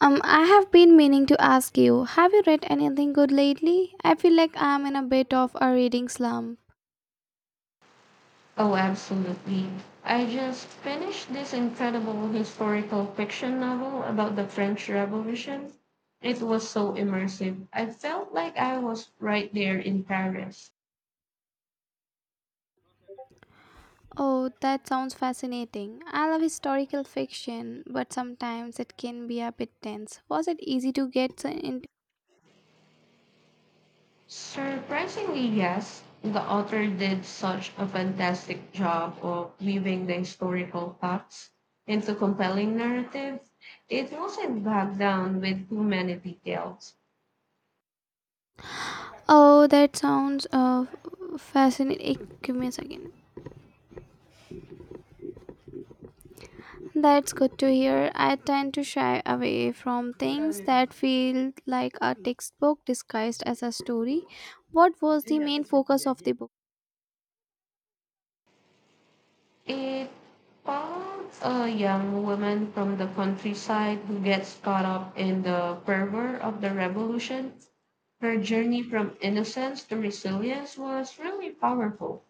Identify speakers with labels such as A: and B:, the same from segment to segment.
A: I have been meaning to ask you, have you read anything good lately? I feel like I am in a bit of a reading slump.
B: Oh, absolutely. I just finished this incredible historical fiction novel about the French Revolution. It was so immersive. I felt like I was right there in Paris.
A: Oh, that sounds fascinating. I love historical fiction, but sometimes it can be a bit tense. Was it easy to get so into?
B: Surprisingly, yes, the author did such a fantastic job of weaving the historical facts into compelling narrative. It wasn't bogged down with too many details.
A: Oh, that sounds fascinating. Hey, give me a second. That's good to hear. I tend to shy away from things that feel like a textbook disguised as a story. What was the main focus of the book?
B: It follows a young woman from the countryside who gets caught up in the fervor of the revolution. Her journey from innocence to resilience was really powerful.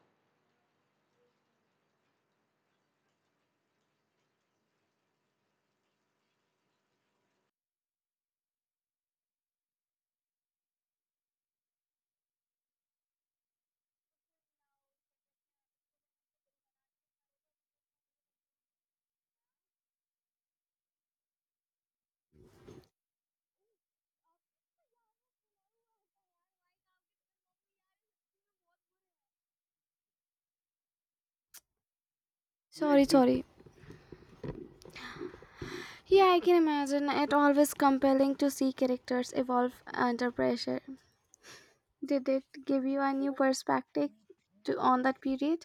A: Sorry, sorry. Yeah, I can imagine. It always compelling to see characters evolve under pressure. Did it give you a new perspective to on that period?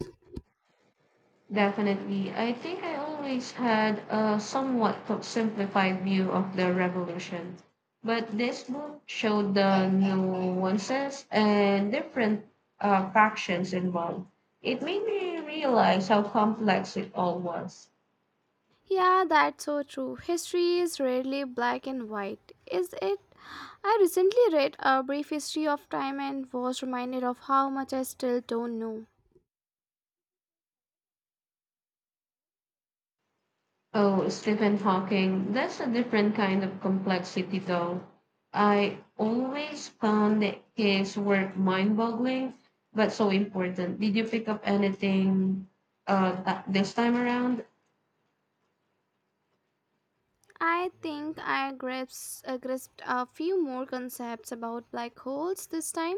B: Definitely. I think I always had a somewhat simplified view of the revolution. But this book showed the nuances and different factions involved. It made me realize how complex it all was.
A: Yeah, that's so true. History is rarely black and white, is it? I recently read A Brief History of Time and was reminded of how much I still don't know.
B: Oh, Stephen Hawking, that's a different kind of complexity, though. I always found that his work mind boggling, but so important. Did you pick up anything this time around?
A: I think I grasped a few more concepts about black holes this time.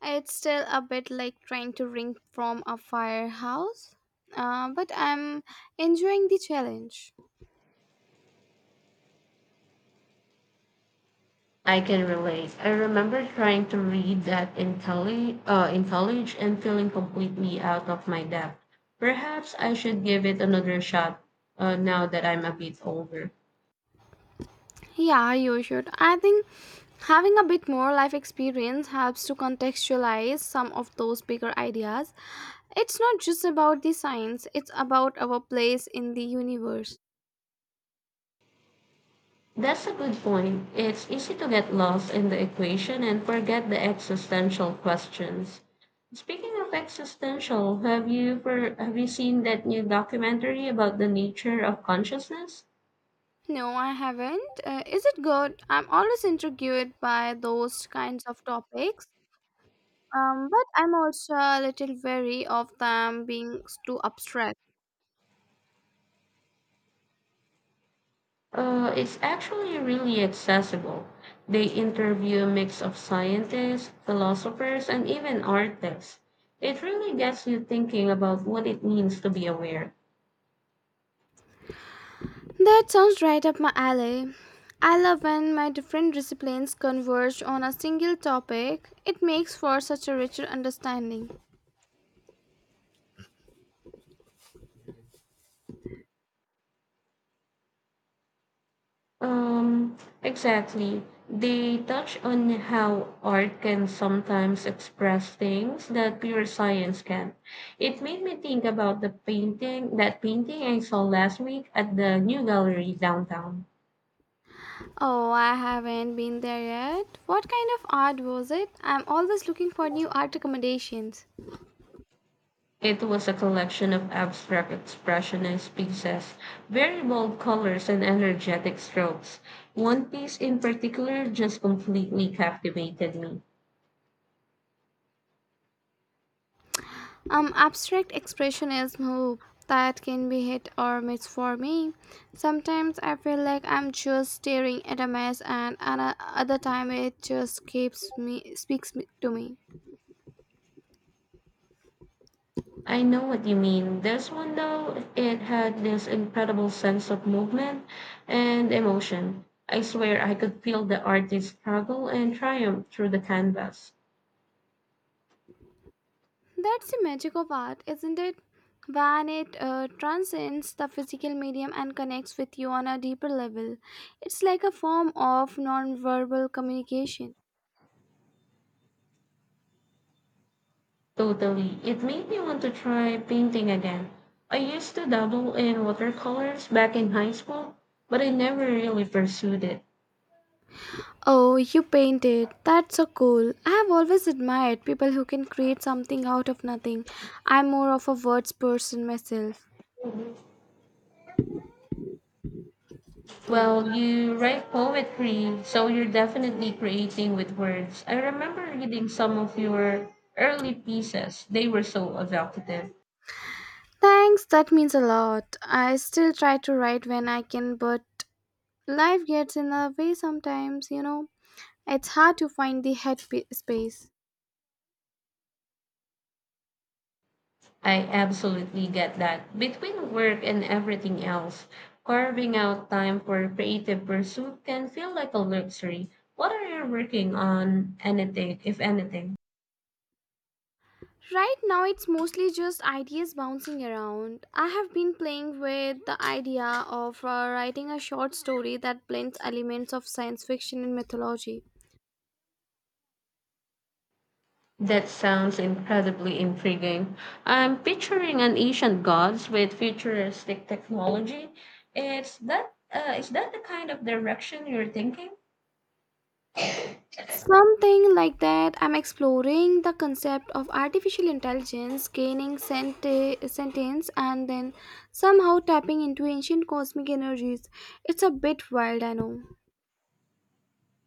A: It's still a bit like trying to drink from a firehouse, but I'm enjoying the challenge.
B: I can relate. I remember trying to read that in, in college and feeling completely out of my depth. Perhaps I should give it another shot now that I'm a bit older.
A: Yeah, you should. I think having a bit more life experience helps to contextualize some of those bigger ideas. It's not just about the science, it's about our place in the universe.
B: That's a good point. It's easy to get lost in the equation and forget the existential questions. Speaking of existential, have you seen that new documentary about the nature of consciousness?
A: No, I haven't. Is it good? I'm always intrigued by those kinds of topics. But I'm also a little wary of them being too abstract.
B: It's actually really accessible. They interview a mix of scientists, philosophers, and even artists. It really gets you thinking about what it means to be aware.
A: That sounds right up my alley. I love when my different disciplines converge on a single topic. It makes for such a richer understanding.
B: Exactly. They touch on how art can sometimes express things that pure science can. It made me think about that painting I saw last week at the New Gallery downtown.
A: Oh, I haven't been there yet. What kind of art was it? I'm always looking for new art recommendations.
B: It was a collection of abstract expressionist pieces, very bold colors and energetic strokes. One piece in particular just completely captivated me.
A: Abstract expressionism, oh, that can be hit or miss for me. Sometimes I feel like I'm just staring at a mess, and other time it just keeps me speaks me, to me.
B: I know what you mean. This one, though, it had this incredible sense of movement and emotion. I swear I could feel the artist's struggle and triumph through the canvas.
A: That's the magic of art, isn't it? When it transcends the physical medium and connects with you on a deeper level, it's like a form of non-verbal communication.
B: Totally. It made me want to try painting again. I used to dabble in watercolors back in high school, but I never really pursued it.
A: Oh, you painted. That's so cool. I have always admired people who can create something out of nothing. I'm more of a words person myself.
B: Well, you write poetry, so you're definitely creating with words. I remember reading some of your early pieces, they were so evocative.
A: Thanks, that means a lot. I still try to write when I can, but life gets in the way sometimes. It's hard to find the space.
B: I absolutely get that. Between work and everything else, carving out time for creative pursuit can feel like a luxury. What are you working on, anything, if anything?
A: Right now, it's mostly just ideas bouncing around. I have been playing with the idea of writing a short story that blends elements of science fiction and mythology.
B: That sounds incredibly intriguing. I'm picturing an ancient gods with futuristic technology. Is that the kind of direction you're thinking?
A: Something like that. I'm exploring the concept of artificial intelligence gaining sentience and then somehow tapping into ancient cosmic energies. It's a bit wild, I know.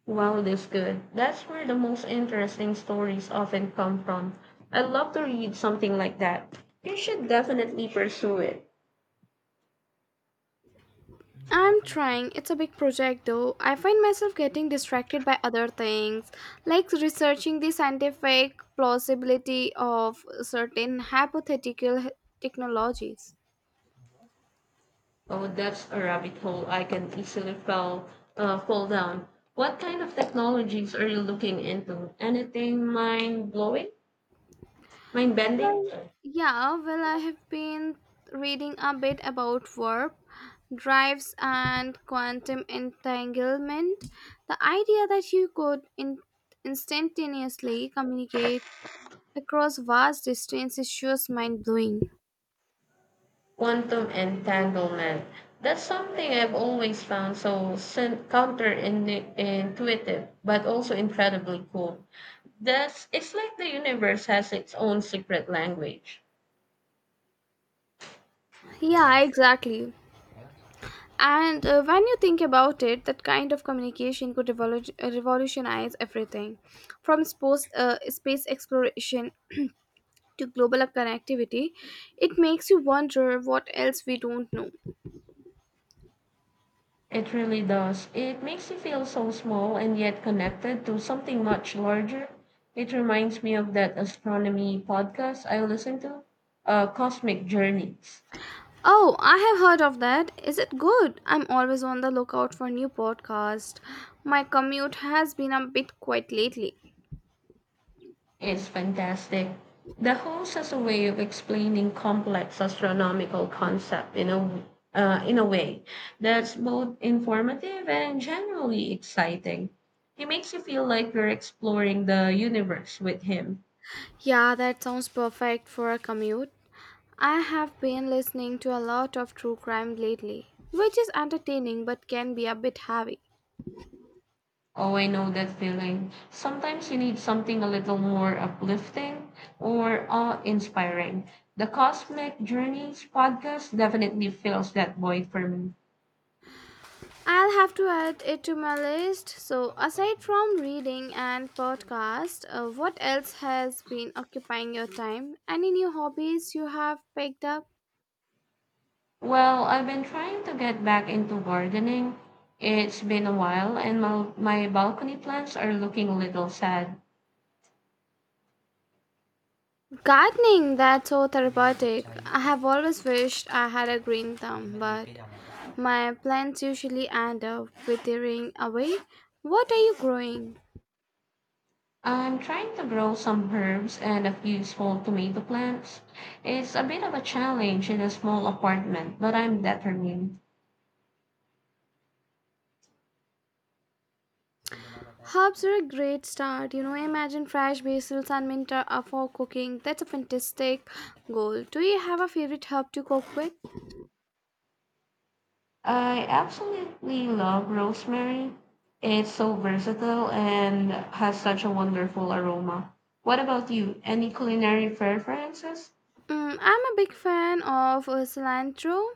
B: Wow, that's good. That's where the most interesting stories often come from. I'd love to read something like that. You should definitely pursue it.
A: I'm trying. It's a big project though. I find myself getting distracted by other things, like researching the scientific plausibility of certain hypothetical technologies.
B: Oh, that's a rabbit hole I can easily fall down. What kind of technologies are you looking into? Anything mind blowing? Mind bending?
A: Yeah, well, I have been reading a bit about warp drives and quantum entanglement. The idea that you could instantaneously communicate across vast distances is just mind blowing.
B: Quantum entanglement. That's something I've always found counterintuitive, but also incredibly cool. That's it's like the universe has its own secret language.
A: Yeah, exactly. And when you think about it, that kind of communication could revolutionize everything from sports, space exploration to global connectivity, it makes you wonder what else we don't know.
B: It really does. It makes you feel so small and yet connected to something much larger. It reminds me of that astronomy podcast I listen to, Cosmic Journeys.
A: Oh, I have heard of that. Is it good? I'm always on the lookout for new podcast. My commute has been a bit quiet lately.
B: It's fantastic. The host has a way of explaining complex astronomical concept in a way that's both informative and generally exciting. He makes you feel like you're exploring the universe with him.
A: Yeah, that sounds perfect for a commute. I have been listening to a lot of true crime lately, which is entertaining but can be a bit heavy.
B: Oh, I know that feeling. Sometimes you need something a little more uplifting or awe-inspiring. The Cosmic Journeys podcast definitely fills that void for me.
A: I'll have to add it to my list. So, aside from reading and podcast, what else has been occupying your time? Any new hobbies you have picked up?
B: Well, I've been trying to get back into gardening. It's been a while, and my balcony plants are looking a little sad.
A: Gardening, that's so therapeutic. I have always wished I had a green thumb, but my plants usually end up withering away. What are you growing?
B: I'm trying to grow some herbs and a few small tomato plants. It's a bit of a challenge in a small apartment, but I'm determined.
A: Herbs are a great start. You know, imagine fresh basil and mint are for cooking. That's a fantastic goal. Do you have a favorite herb to cook with?
B: I absolutely love rosemary. It's so versatile and has such a wonderful aroma. What about you? Any culinary preferences?
A: Mm, I'm a big fan of cilantro.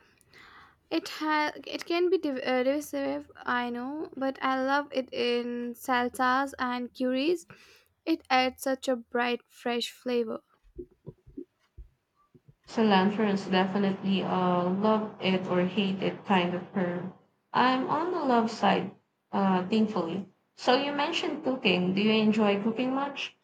A: It has, it can be divisive, I know, but I love it in salsas and curries. It adds such a bright, fresh flavor.
B: So Lanthorn's definitely a love it or hate it kind of firm. I'm on the love side, thankfully. So you mentioned cooking. Do you enjoy cooking much?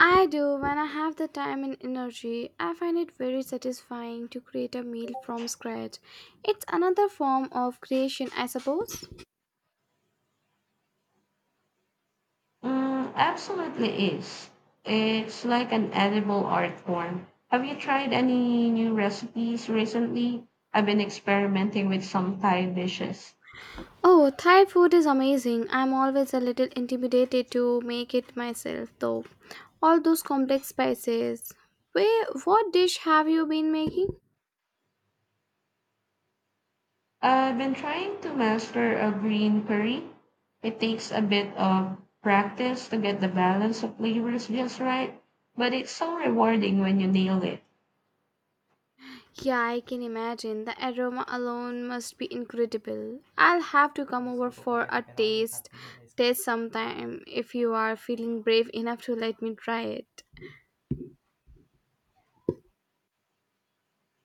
A: I do when I have the time and energy. I find it very satisfying to create a meal from scratch. It's another form of creation, I suppose.
B: Mm, absolutely is. It's like an edible art form. Have you tried any new recipes recently? I've been experimenting with some Thai dishes.
A: Oh, Thai food is amazing. I'm always a little intimidated to make it myself, though. All those complex spices. Wait, what dish have you been making?
B: I've been trying to master a green curry. It takes a bit of practice to get the balance of flavors just right, but it's so rewarding when you nail it.
A: Yeah, I can imagine. The aroma alone must be incredible. I'll have to come over for a taste sometime if you are feeling brave enough to let me try it.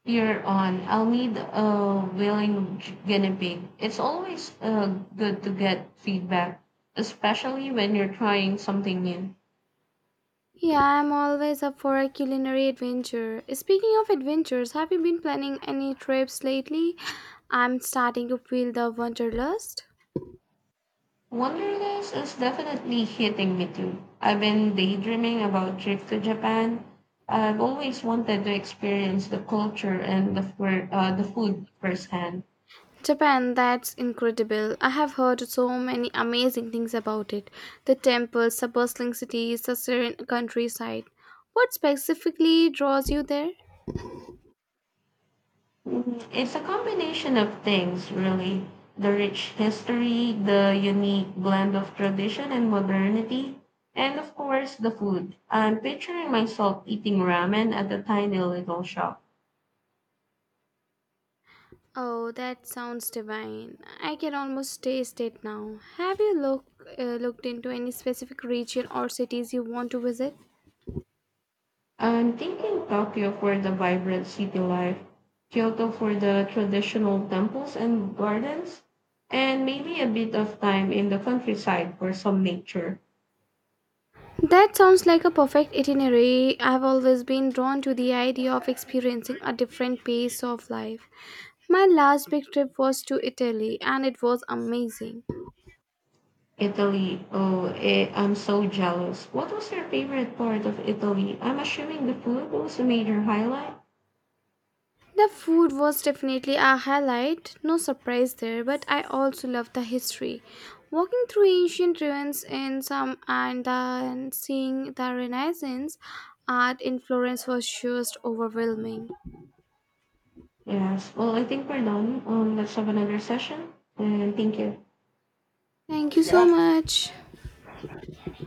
B: You're on. I'll need a willing guinea pig. It's always good to get feedback, especially when you're trying something new.
A: Yeah, I'm always up for a culinary adventure. Speaking of adventures, have you been planning any trips lately? I'm starting to feel the wanderlust.
B: Wanderlust is definitely hitting me too. I've been daydreaming about trip to Japan. I've always wanted to experience the culture and the food firsthand.
A: Japan, that's incredible. I have heard so many amazing things about it. The temples, the bustling cities, the serene countryside. What specifically draws you there?
B: Mhm. It's a combination of things, really. The rich history, the unique blend of tradition and modernity, and of course the food. I'm picturing myself eating ramen at a tiny little shop.
A: Oh, that sounds divine. I can almost taste it now. Have you looked into any specific region or cities you want to visit?
B: I'm thinking Tokyo for the vibrant city life, Kyoto for the traditional temples and gardens, and maybe a bit of time in the countryside for some nature.
A: That sounds like a perfect itinerary. I've always been drawn to the idea of experiencing a different pace of life. My last big trip was to Italy and it was amazing.
B: Italy, oh, eh, I'm so jealous. What was your favorite part of Italy? I'm assuming the food was a major highlight.
A: The food was definitely a highlight, no surprise there, but I also loved the history. Walking through ancient ruins in some and then seeing the Renaissance art in Florence was just overwhelming.
B: Yes, well, I think we're done. Let's have another session, and thank you.
A: Thank you so much.